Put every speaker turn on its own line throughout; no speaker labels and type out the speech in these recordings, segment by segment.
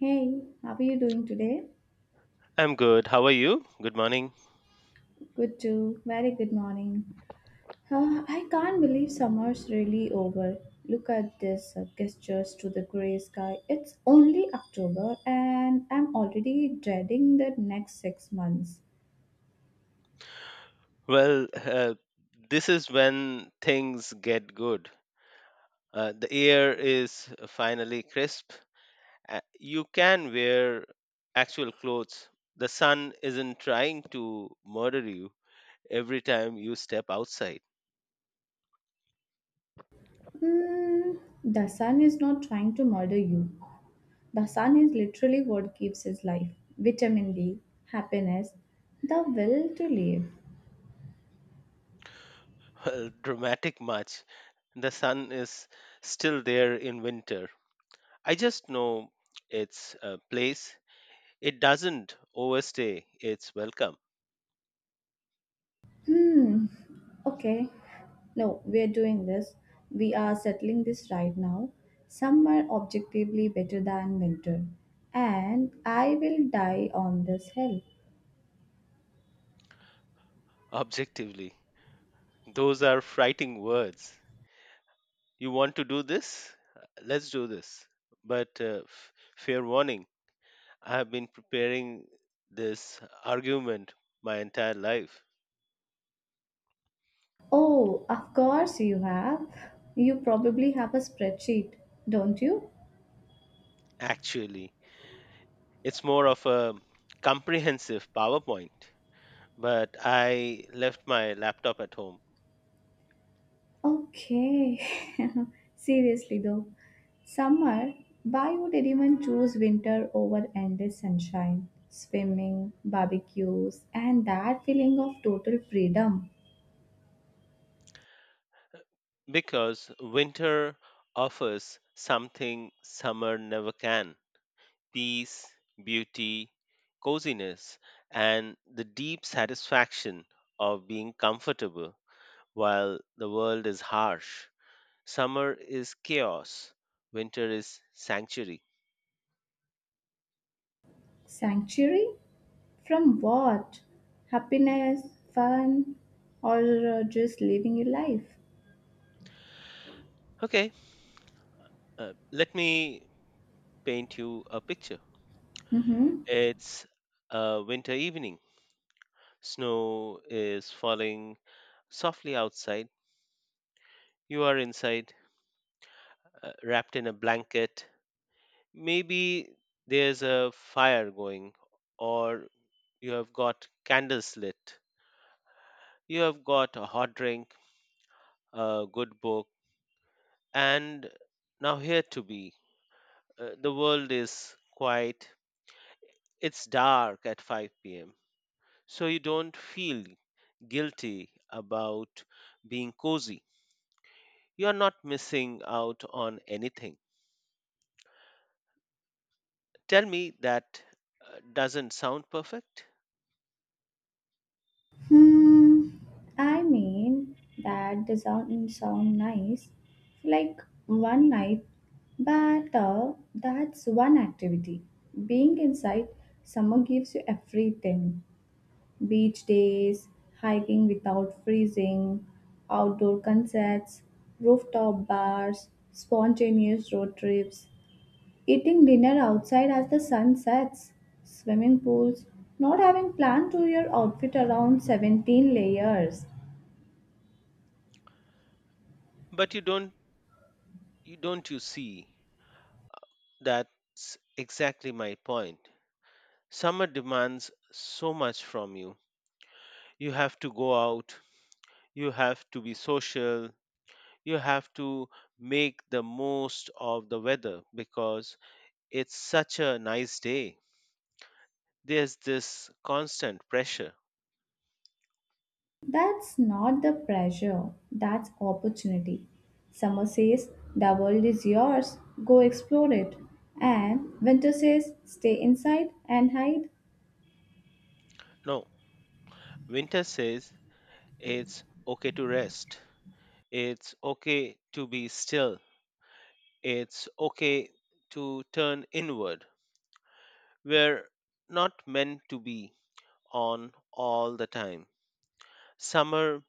Hey, how are you doing today?
I'm good. How are you? Good morning.
Good too. Very good morning. Huh, I can't believe summer's really over. Look at this gestures to the gray sky. It's only October and I'm already dreading the next 6 months.
Well, uh, this is when things get good. The air is finally crisp. You can wear actual clothes. The sun isn't trying to murder you every time you step outside.
Mm, the sun is not trying to murder you. The sun is literally what gives us life vitamin D, happiness, the will to live.
Well, dramatic much. The sun is still there in winter. I just know its place. It doesn't overstay its welcome,
Hmm. Okay. No, we're doing this. We are settling this right now. Summer objectively better than winter. And I will die on this hill.
objectively. Those are frightening words. You want to do this? Let's do this. But fair warning, I have been preparing this argument my entire life.
Oh, of course you have. You probably have a spreadsheet, don't you?
Actually, it's more of a comprehensive PowerPoint, but I left my laptop at home
Okay. Seriously though, summer, why would anyone choose winter over endless sunshine, swimming, barbecues, and that feeling of total freedom?
because winter offers something summer never can: peace, beauty, coziness, and the deep satisfaction of being comfortable while the world is harsh. Summer is chaos, winter is sanctuary.
Sanctuary? From what? Happiness, fun, or just living your life?
Okay, let me paint you a picture.
Mhm.
It's a winter evening. Snow is falling softly outside. You are inside, wrapped in a blanket. Maybe there's a fire going, or you have got candles lit, you have got a hot drink, a good book, and now here to be. The world is quiet, it's dark at 5 p.m., so you don't feel guilty about being cozy. You're not missing out on anything. Tell me that doesn't sound perfect.
Hmm. I mean, that doesn't sound nice. Like one night, but that's one activity. Being inside, summer gives you everything beach days, hiking without freezing, outdoor concerts, rooftop bars, spontaneous road trips. Eating dinner outside as the sun sets, swimming pools, not having planned to your outfit around 17 layers.
But you don't you don't you see, that's exactly my point. Summer demands so much from you. You have to go out, you have to be social, you have to make the most of the weather because it's such a nice day. There's this constant pressure.
That's not the pressure, that's opportunity. Summer says, the world is yours, go explore it. And winter says, stay inside and hide.
No, winter says it's okay to rest, it's okay to be still, it's okay to turn inward. We're not meant to be on all the time. Summer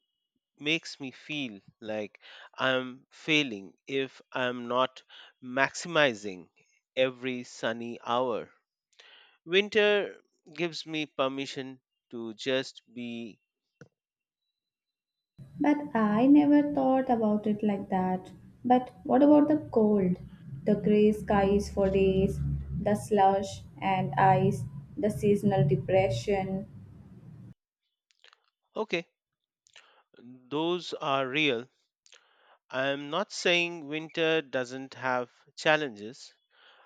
makes me feel like I'm failing if I'm not maximizing every sunny hour. Winter gives me permission to just be.
But I never thought about it like that. But what about the cold? The grey skies for days, the slush and ice, the seasonal depression.
Okay. Those are real. I'm not saying winter doesn't have challenges,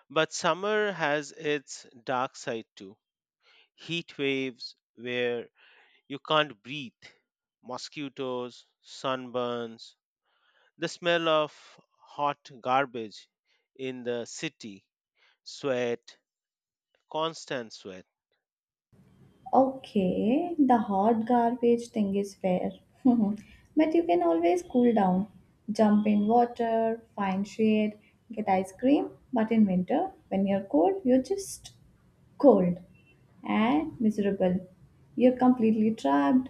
but summer has its dark side too. Heat waves where you can't breathe, mosquitoes, sunburns, the smell of hot garbage in the city, sweat, constant sweat.
Okay, the hot garbage thing is fair. But you can always cool down. Jump in water, find shade, get ice cream. But in winter, when you're cold, you're just cold and miserable. You're completely trapped.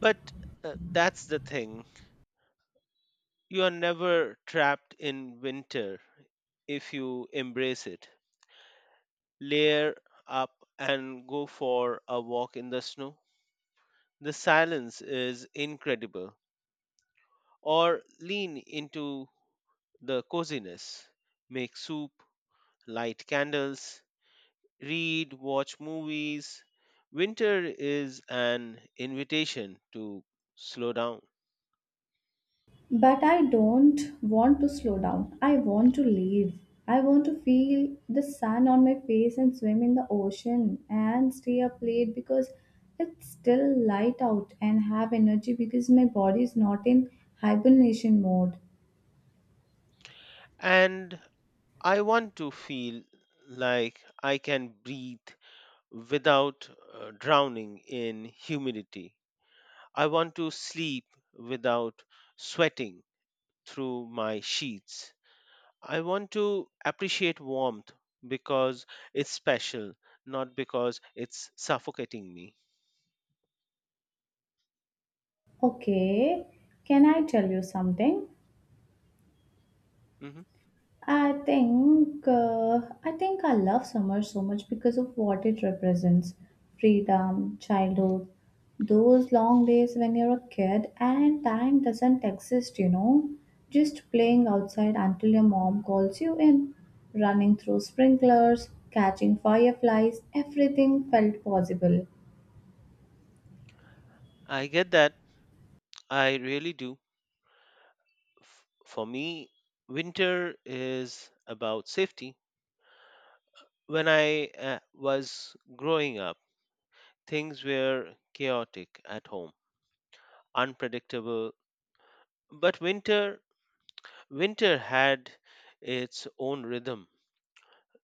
But that's the thing, you are never trapped in winter if you embrace it. Layer up and go for a walk in the snow. The silence is incredible. Or lean into the coziness, make soup, light candles, read, watch movies. Winter is an invitation to slow down.
But I don't want to slow down. I want to leave. I want to feel the sun on my face and swim in the ocean and stay up late because it's still light out and have energy because my body is not in hibernation mode.
And I want to feel like I can breathe without drowning in humidity. I want to sleep without sweating through my sheets. I want to appreciate warmth because it's special, not because it's suffocating me.
Okay, can I tell you something?
Mhm.
I think I love summer so much because of what it represents: freedom, childhood, those long days when you're a kid and time doesn't exist. You know, just playing outside until your mom calls you in, running through sprinklers, catching fireflies. Everything felt possible.
I get that. I really do. For me, winter is about safety. When I was growing up, things were chaotic at home, unpredictable. But winter, winter had its own rhythm.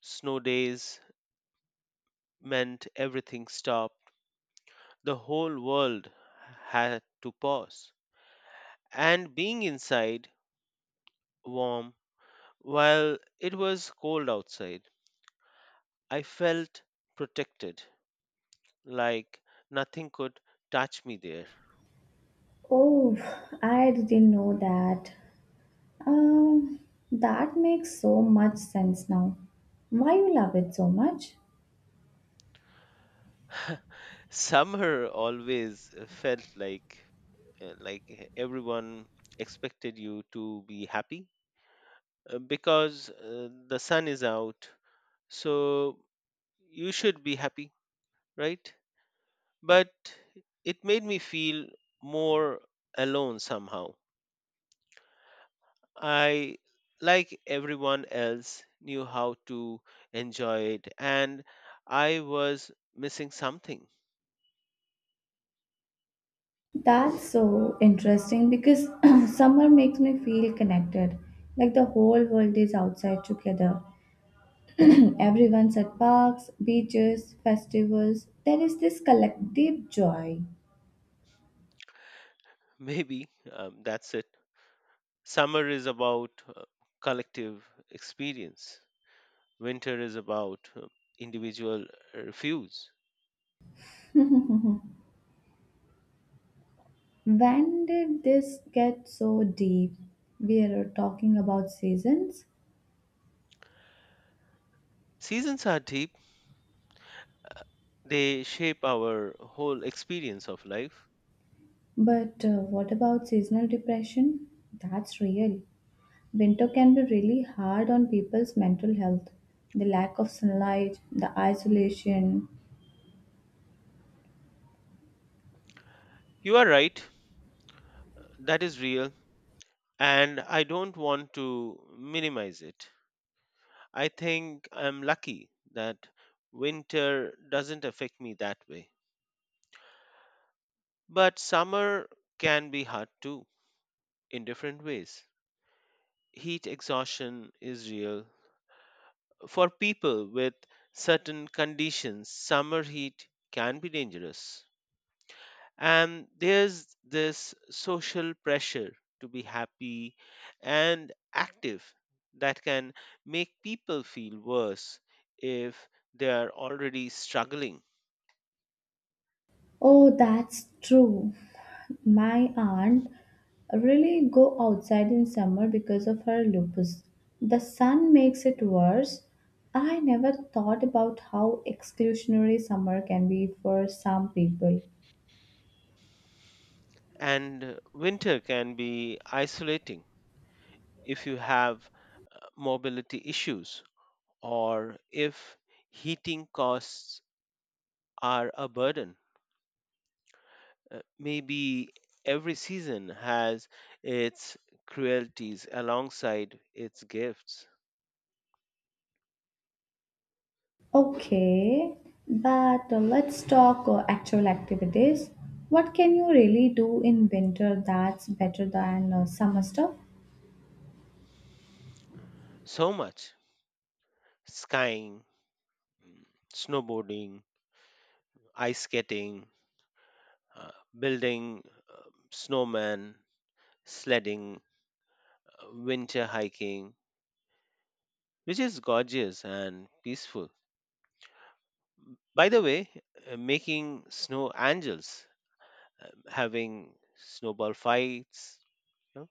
Snow days meant everything stopped. The whole world had to pause. And being inside, warm, while it was cold outside, I felt protected. Like nothing could touch me there.
Oh, I didn't know that. Um, that makes so much sense now. Why you love it so much?
Summer always felt like everyone expected you to be happy because the sun is out, so you should be happy, right? But it made me feel more alone somehow. I, like everyone else knew how to enjoy it, and I was missing something.
That's so interesting because summer makes me feel connected, like the whole world is outside together. Everyone's at parks, beaches, festivals. There is this collective joy.
Maybe that's it. Summer is about collective experience, winter is about individual refuse.
When did this get so deep? We are talking about seasons,
Seasons are deep, they shape our whole experience of life.
but what about seasonal depression? That's real. Winter can be really hard on people's mental health. The lack of sunlight, the isolation.
You are right, that is real, and I don't want to minimize it. I think I'm lucky that winter doesn't affect me that way. But summer can be hard too, in different ways. Heat exhaustion is real. For people with certain conditions, summer heat can be dangerous. And there's this social pressure to be happy and active that can make people feel worse if they are already struggling.
Oh, that's true. My aunt really go outside in summer because of her lupus. The sun makes it worse. I never thought about how exclusionary summer can be for some people.
And winter can be isolating if you have mobility issues, or if heating costs are a burden. Maybe every season has its cruelties alongside its gifts.
Okay, but let's talk actual activities. What can you really do in winter that's better than summer stuff?
So much: skiing, mm, snowboarding, ice skating, uh, building snowmen, sledding, winter hiking, which is gorgeous and peaceful. By the way, making snow angels, having snowball fights, you know,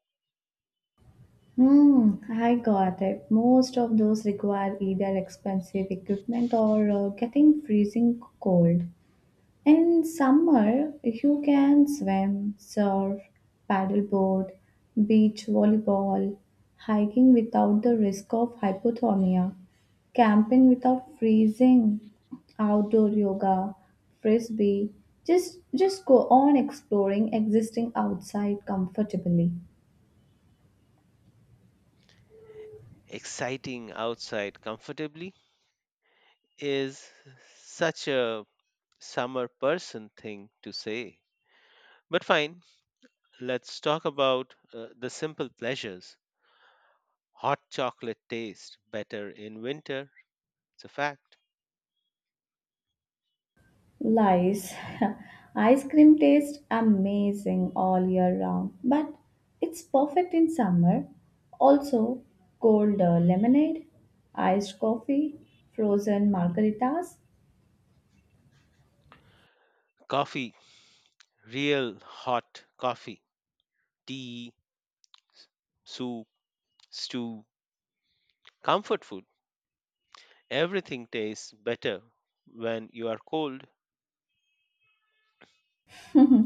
Hmm, I got it. Most of those require either expensive equipment or getting freezing cold. In summer, you can swim, surf, paddleboard, beach volleyball, hiking without the risk of hypothermia, camping without freezing, outdoor yoga, frisbee. Just go on exploring existing outside comfortably.
exciting outside comfortably is such a summer person thing to say. But fine, let's talk about the simple pleasures. Hot chocolate tastes better in winter, it's a fact.
Lies. Ice cream tastes amazing all year round, but it's perfect in summer. Also, cold lemonade, iced coffee, frozen margaritas.
Coffee, real hot coffee, tea, s- soup, stew, comfort food, everything tastes better when you are cold.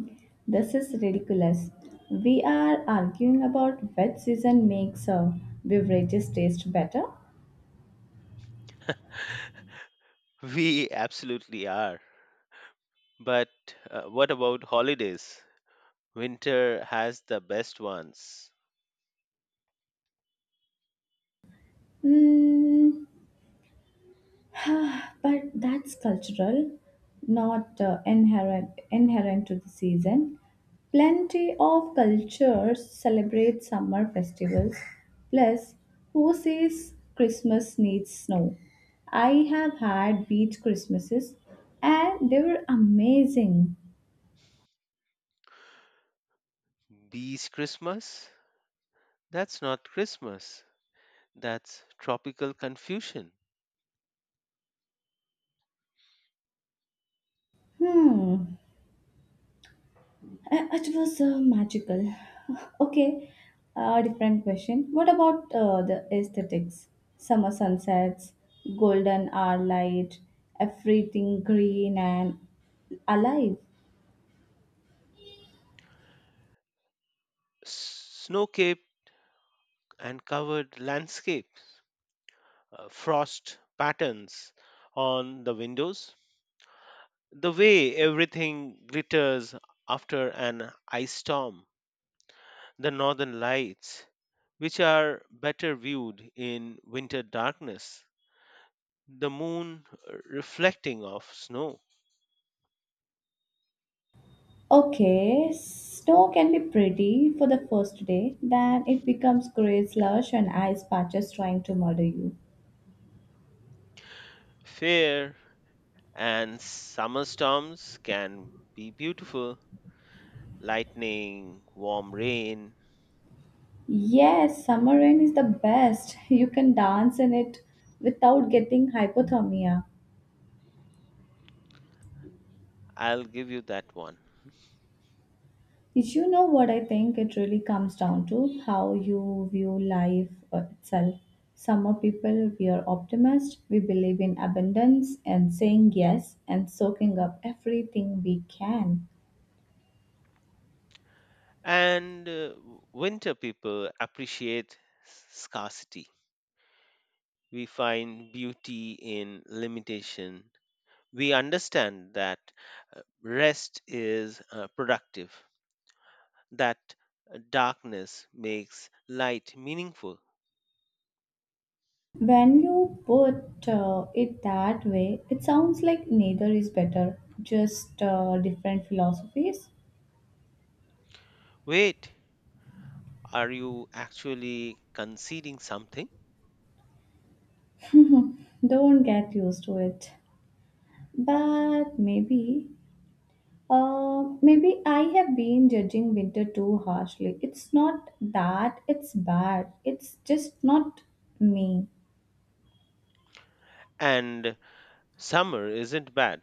This is ridiculous. We are arguing about which season makes beverages taste better.
We absolutely are. But what about holidays? Winter has the best ones.
Mm, but that's cultural, not inherent to the season. Plenty of cultures celebrate summer festivals. Plus, who says Christmas needs snow? I have had beach Christmases, and they were amazing.
Bees Christmas? That's not Christmas. That's tropical confusion.
Hmm, it was magical. Okay, different question. What about the aesthetics? Summer sunsets, golden hour light, everything green and alive.
Snow cape and covered landscapes, frost patterns on the windows, the way everything glitters after an ice storm, the northern lights, which are better viewed in winter darkness, the moon reflecting off snow,
Okay, snow can be pretty for the first day, then it becomes grey slush and ice patches trying to murder you.
fair. And summer storms can be beautiful: lightning, warm rain.
Yes, summer rain is the best. You can dance in it without getting hypothermia.
I'll give you that one.
Did you know what I think it really comes down to? How you view life itself. Some people, we are optimists, we believe in abundance and saying yes and soaking up everything we can.
And winter people appreciate scarcity. We find beauty in limitation. We understand that rest is productive, that darkness makes light meaningful.
When you put it that way, it sounds like neither is better, just different philosophies.
Wait, are you actually conceding something?
Don't get used to it. But maybe maybe I have been judging winter too harshly. It's not that it's bad, it's just not me.
And summer isn't bad,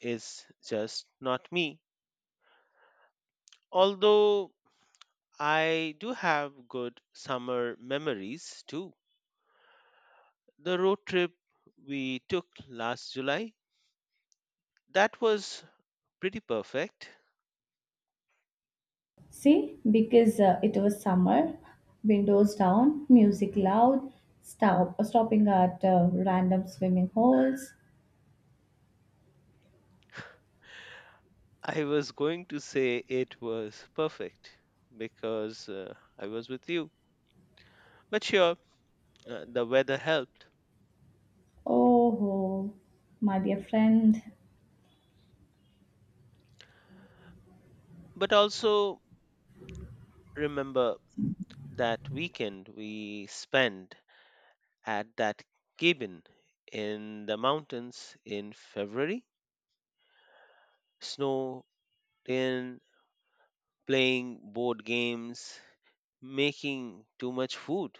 it's just not me. Although I do have good summer memories too. The road trip we took last July, that was pretty perfect.
See, because it was summer, windows down, music loud, stopping at random swimming holes.
I was going to say it was perfect because I was with you. But sure, the weather helped.
Oh, oh, my dear friend.
But also remember that weekend we spent at that cabin in the mountains in February, snow, in, playing board games, making too much food.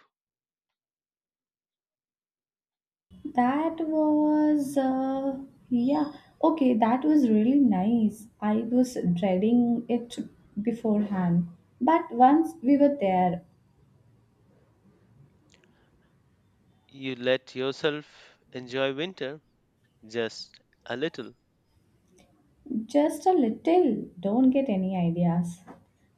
That was, yeah, okay, that was really nice. I was dreading it beforehand. But once we were there,
You let yourself enjoy winter just a little.
just a little, don't get any ideas.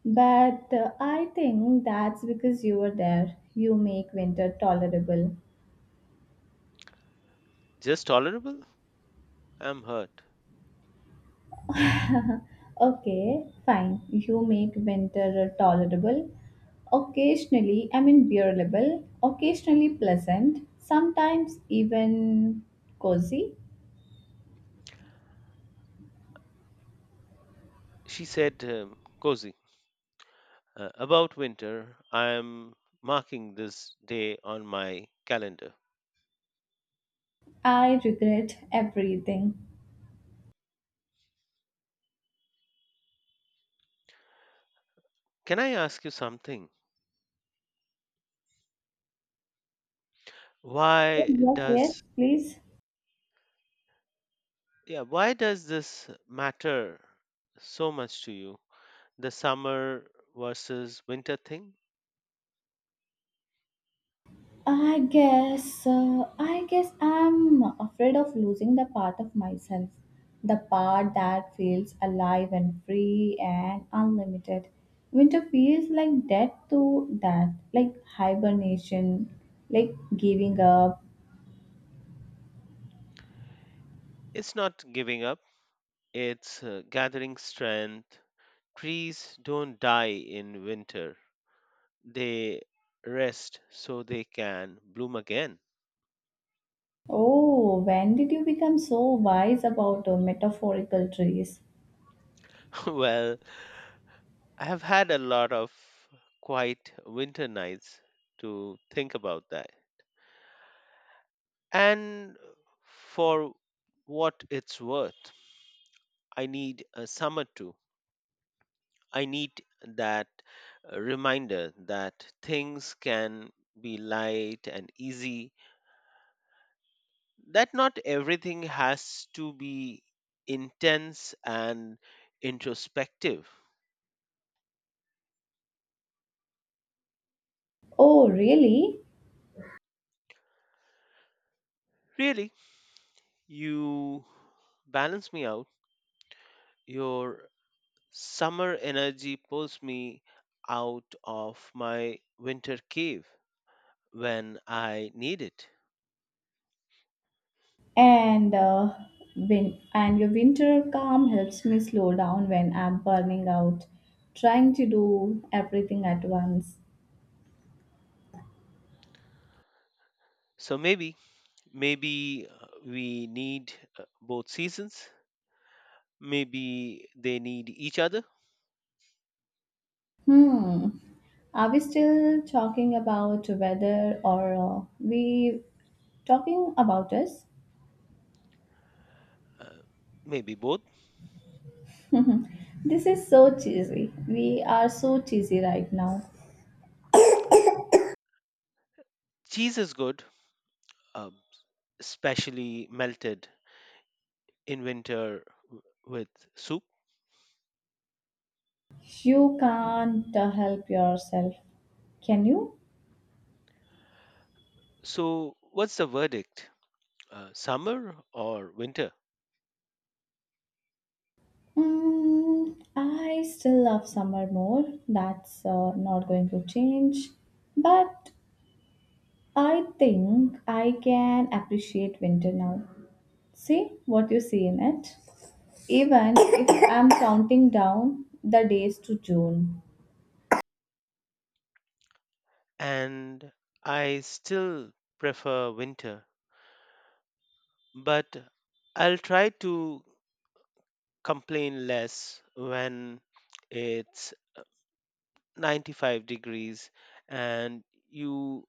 But I think that's because you were there. You make winter tolerable.
Just tolerable. I'm hurt.
Okay, fine. You make winter tolerable, occasionally, I mean, bearable, occasionally pleasant, sometimes even cozy.
She said, cozy. About winter, I am marking this day on my calendar.
I regret everything.
Can I ask you something?
Oh,
Why
yes, yes,
does...
please.
Yeah, why does this matter so much to you? The summer versus winter thing?
I guess I'm afraid of losing the part of myself, the part that feels alive and free and unlimited. Winter feels like death to that, like hibernation, like giving up.
It's not giving up, it's gathering strength. Trees don't die in winter, they rest so they can bloom again.
Oh, when did you become so wise about metaphorical trees?
Well, I have had a lot of quiet winter nights to think about that. And for what it's worth, I need a summer too. I need that reminder that things can be light and easy, that not everything has to be intense and introspective.
Oh, really?
Really, you balance me out. Your summer energy pulls me out of my winter cave when I need it.
And uh, and your winter calm helps me slow down when I'm burning out, trying to do everything at once.
So maybe, maybe we need both seasons. Maybe they need each other.
Hmm. Are we still talking about weather or we talking about us?
uh, Maybe both.
This is so cheesy. We are so cheesy right now.
Cheese is good, uh, especially melted in winter with soup.
You can't help yourself, can you?
So, what's the verdict? Summer or winter?
Mm, I still love summer more. That's not going to change. But I think I can appreciate winter now. See what you see in it. Even if I'm counting down the days to June.
And I still prefer winter, but I'll try to complain less when it's 95 degrees and you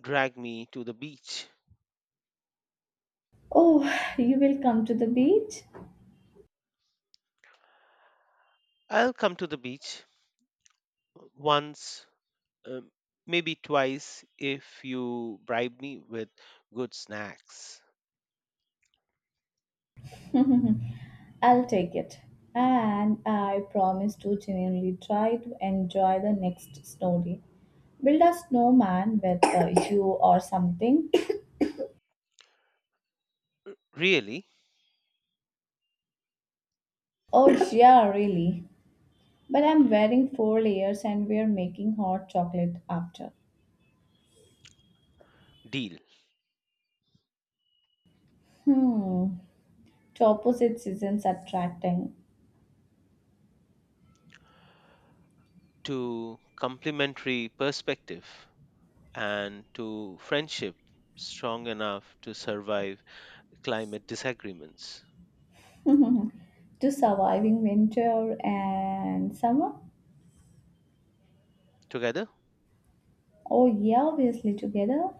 drag me to the beach.
Oh, you will come to the beach?
I'll come to the beach once, um, maybe twice if you bribe me with good snacks.
I'll take it. And I promise to genuinely try to enjoy the next snow day. Build a snowman with you or something.
Really,
Oh, yeah, really. But I'm wearing four layers and we're making hot chocolate after.
deal.
Hmm. To opposite seasons attracting.
To complementary perspective, and to friendship strong enough to survive climate disagreements.
To surviving winter and summer.
Together?
Oh, yeah, obviously together.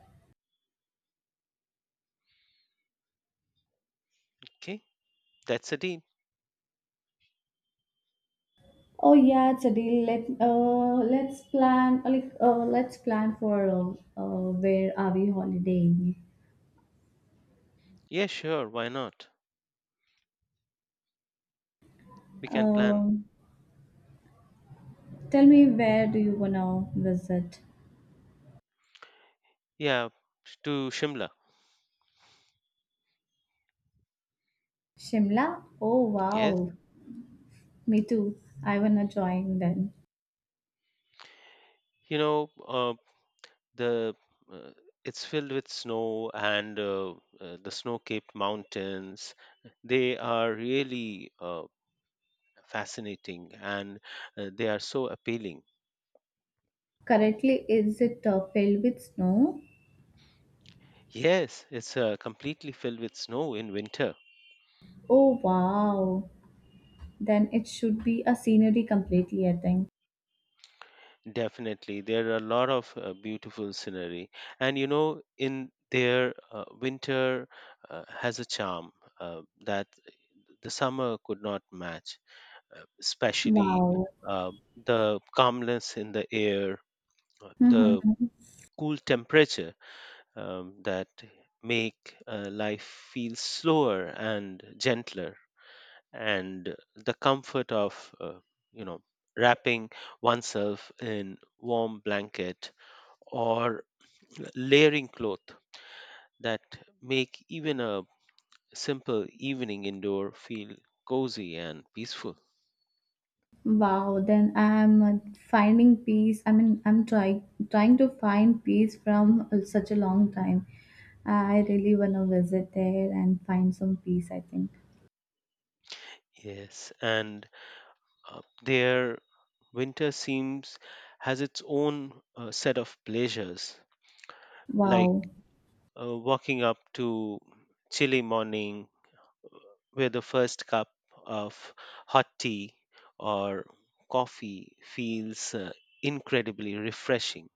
Okay, that's a deal.
Oh yeah, it's a deal. Let's plan. Like let's plan for where are we holidaying?
Yeah, sure, why not? We can plan.
Um, tell me where do you wanna visit?
Yeah, to Shimla.
Shimla? Oh
Yes.
wow, me too. I wanna join then.
You know, the uh, it's filled with snow, and the snow capped mountains, they are really fascinating, and they are so appealing.
Currently, is it filled with snow?
Yes, it's completely filled with snow in winter.
Oh wow, then it should be a scenery completely. I think.
Definitely there are a lot of beautiful scenery, and you know, in there winter has a charm that the summer could not match, especially
Wow.
uh, the calmness in the air, the cool temperature, that make life feel slower and gentler, and the comfort of you know, wrapping oneself in warm blanket, or layering cloth, that make even a simple evening indoor feel cozy and peaceful.
Wow, then I'm finding peace. I mean, I'm trying to find peace from such a long time. I really want to visit there and find some peace, I think.
Yes, and their winter seems has its own set of pleasures, like
Wow,
walking up to chilly morning, where the first cup of hot tea or coffee feels incredibly refreshing,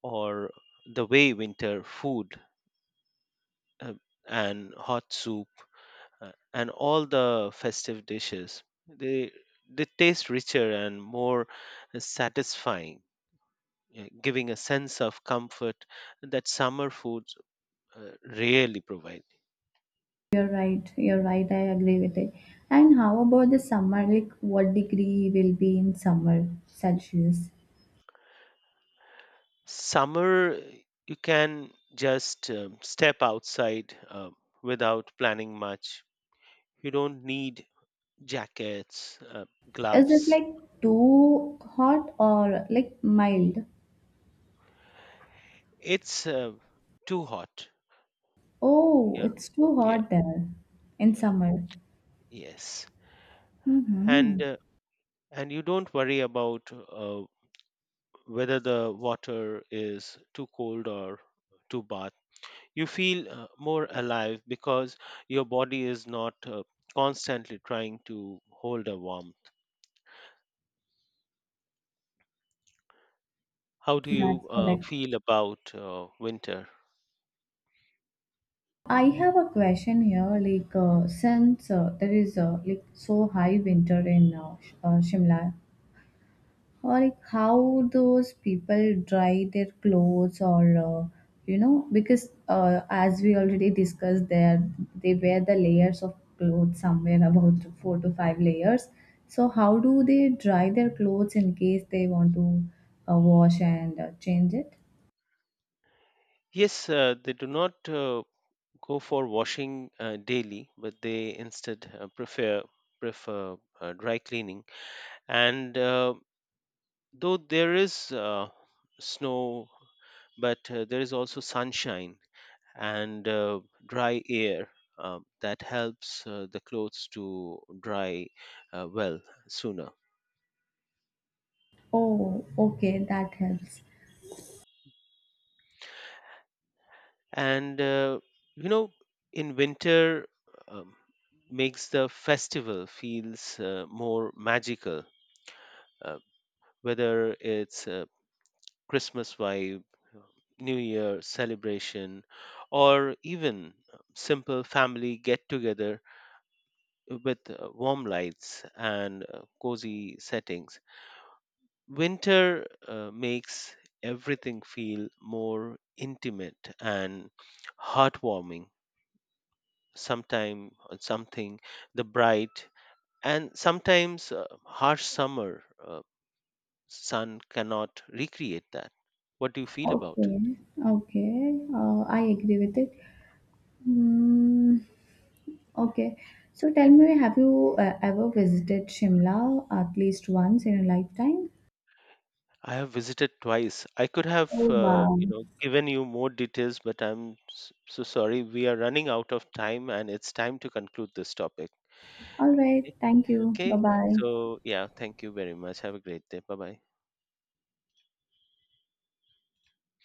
or the way winter food uh, and hot soup, and all the festive dishes, they they taste richer and more satisfying, giving a sense of comfort that summer foods rarely provide.
you're right. You're right. I agree with it. And how about the summer? Like, what degree will be in summer, Celsius?
Summer, you can just step outside without planning much. You don't need jackets,
Is it
gloves.
like too hot or like mild?
It's too hot.
Oh,
Yeah,
it's too
yeah,
hot there in
yeah.
summer.
Yes,
Mm-hmm.
and uh, and you don't worry about whether the water is too cold or too bath. You feel more alive because your body is not constantly trying to hold a warm. How do
That's
you
correct.
feel about winter?
I have a question here, like since there is like so high winter in Shimla, or like how those people dry their clothes, or uh, you know, because as we already discussed, there they wear the layers of clothes somewhere about four to five layers. So how do they dry their clothes in case they want to wash and change it?
Yes, they do not go for washing daily, but they instead prefer dry cleaning. And though there is snow, but there is also sunshine and dry air. That helps the clothes to dry well sooner.
Oh, okay, that helps.
And you know, in winter, um, makes the festival feels more magical, uh, whether it's a Christmas vibe, uh, new year celebration, or even simple family get together with warm lights and cozy settings. Winter makes everything feel more intimate and heartwarming. Sometime or something the bright, and sometimes harsh summer sun cannot recreate that. What do you feel about it?
Okay, okay, I agree with it. Mm, okay, so tell me, have you ever visited Shimla at least once in a lifetime?
I have visited twice. I could have
Oh, wow.
you know, given you more details, but I'm so sorry we are running out of time and it's time to conclude this topic.
All right,
Okay.
thank you. Bye
Okay,
bye.
so yeah, thank you very much, have a great day, bye bye.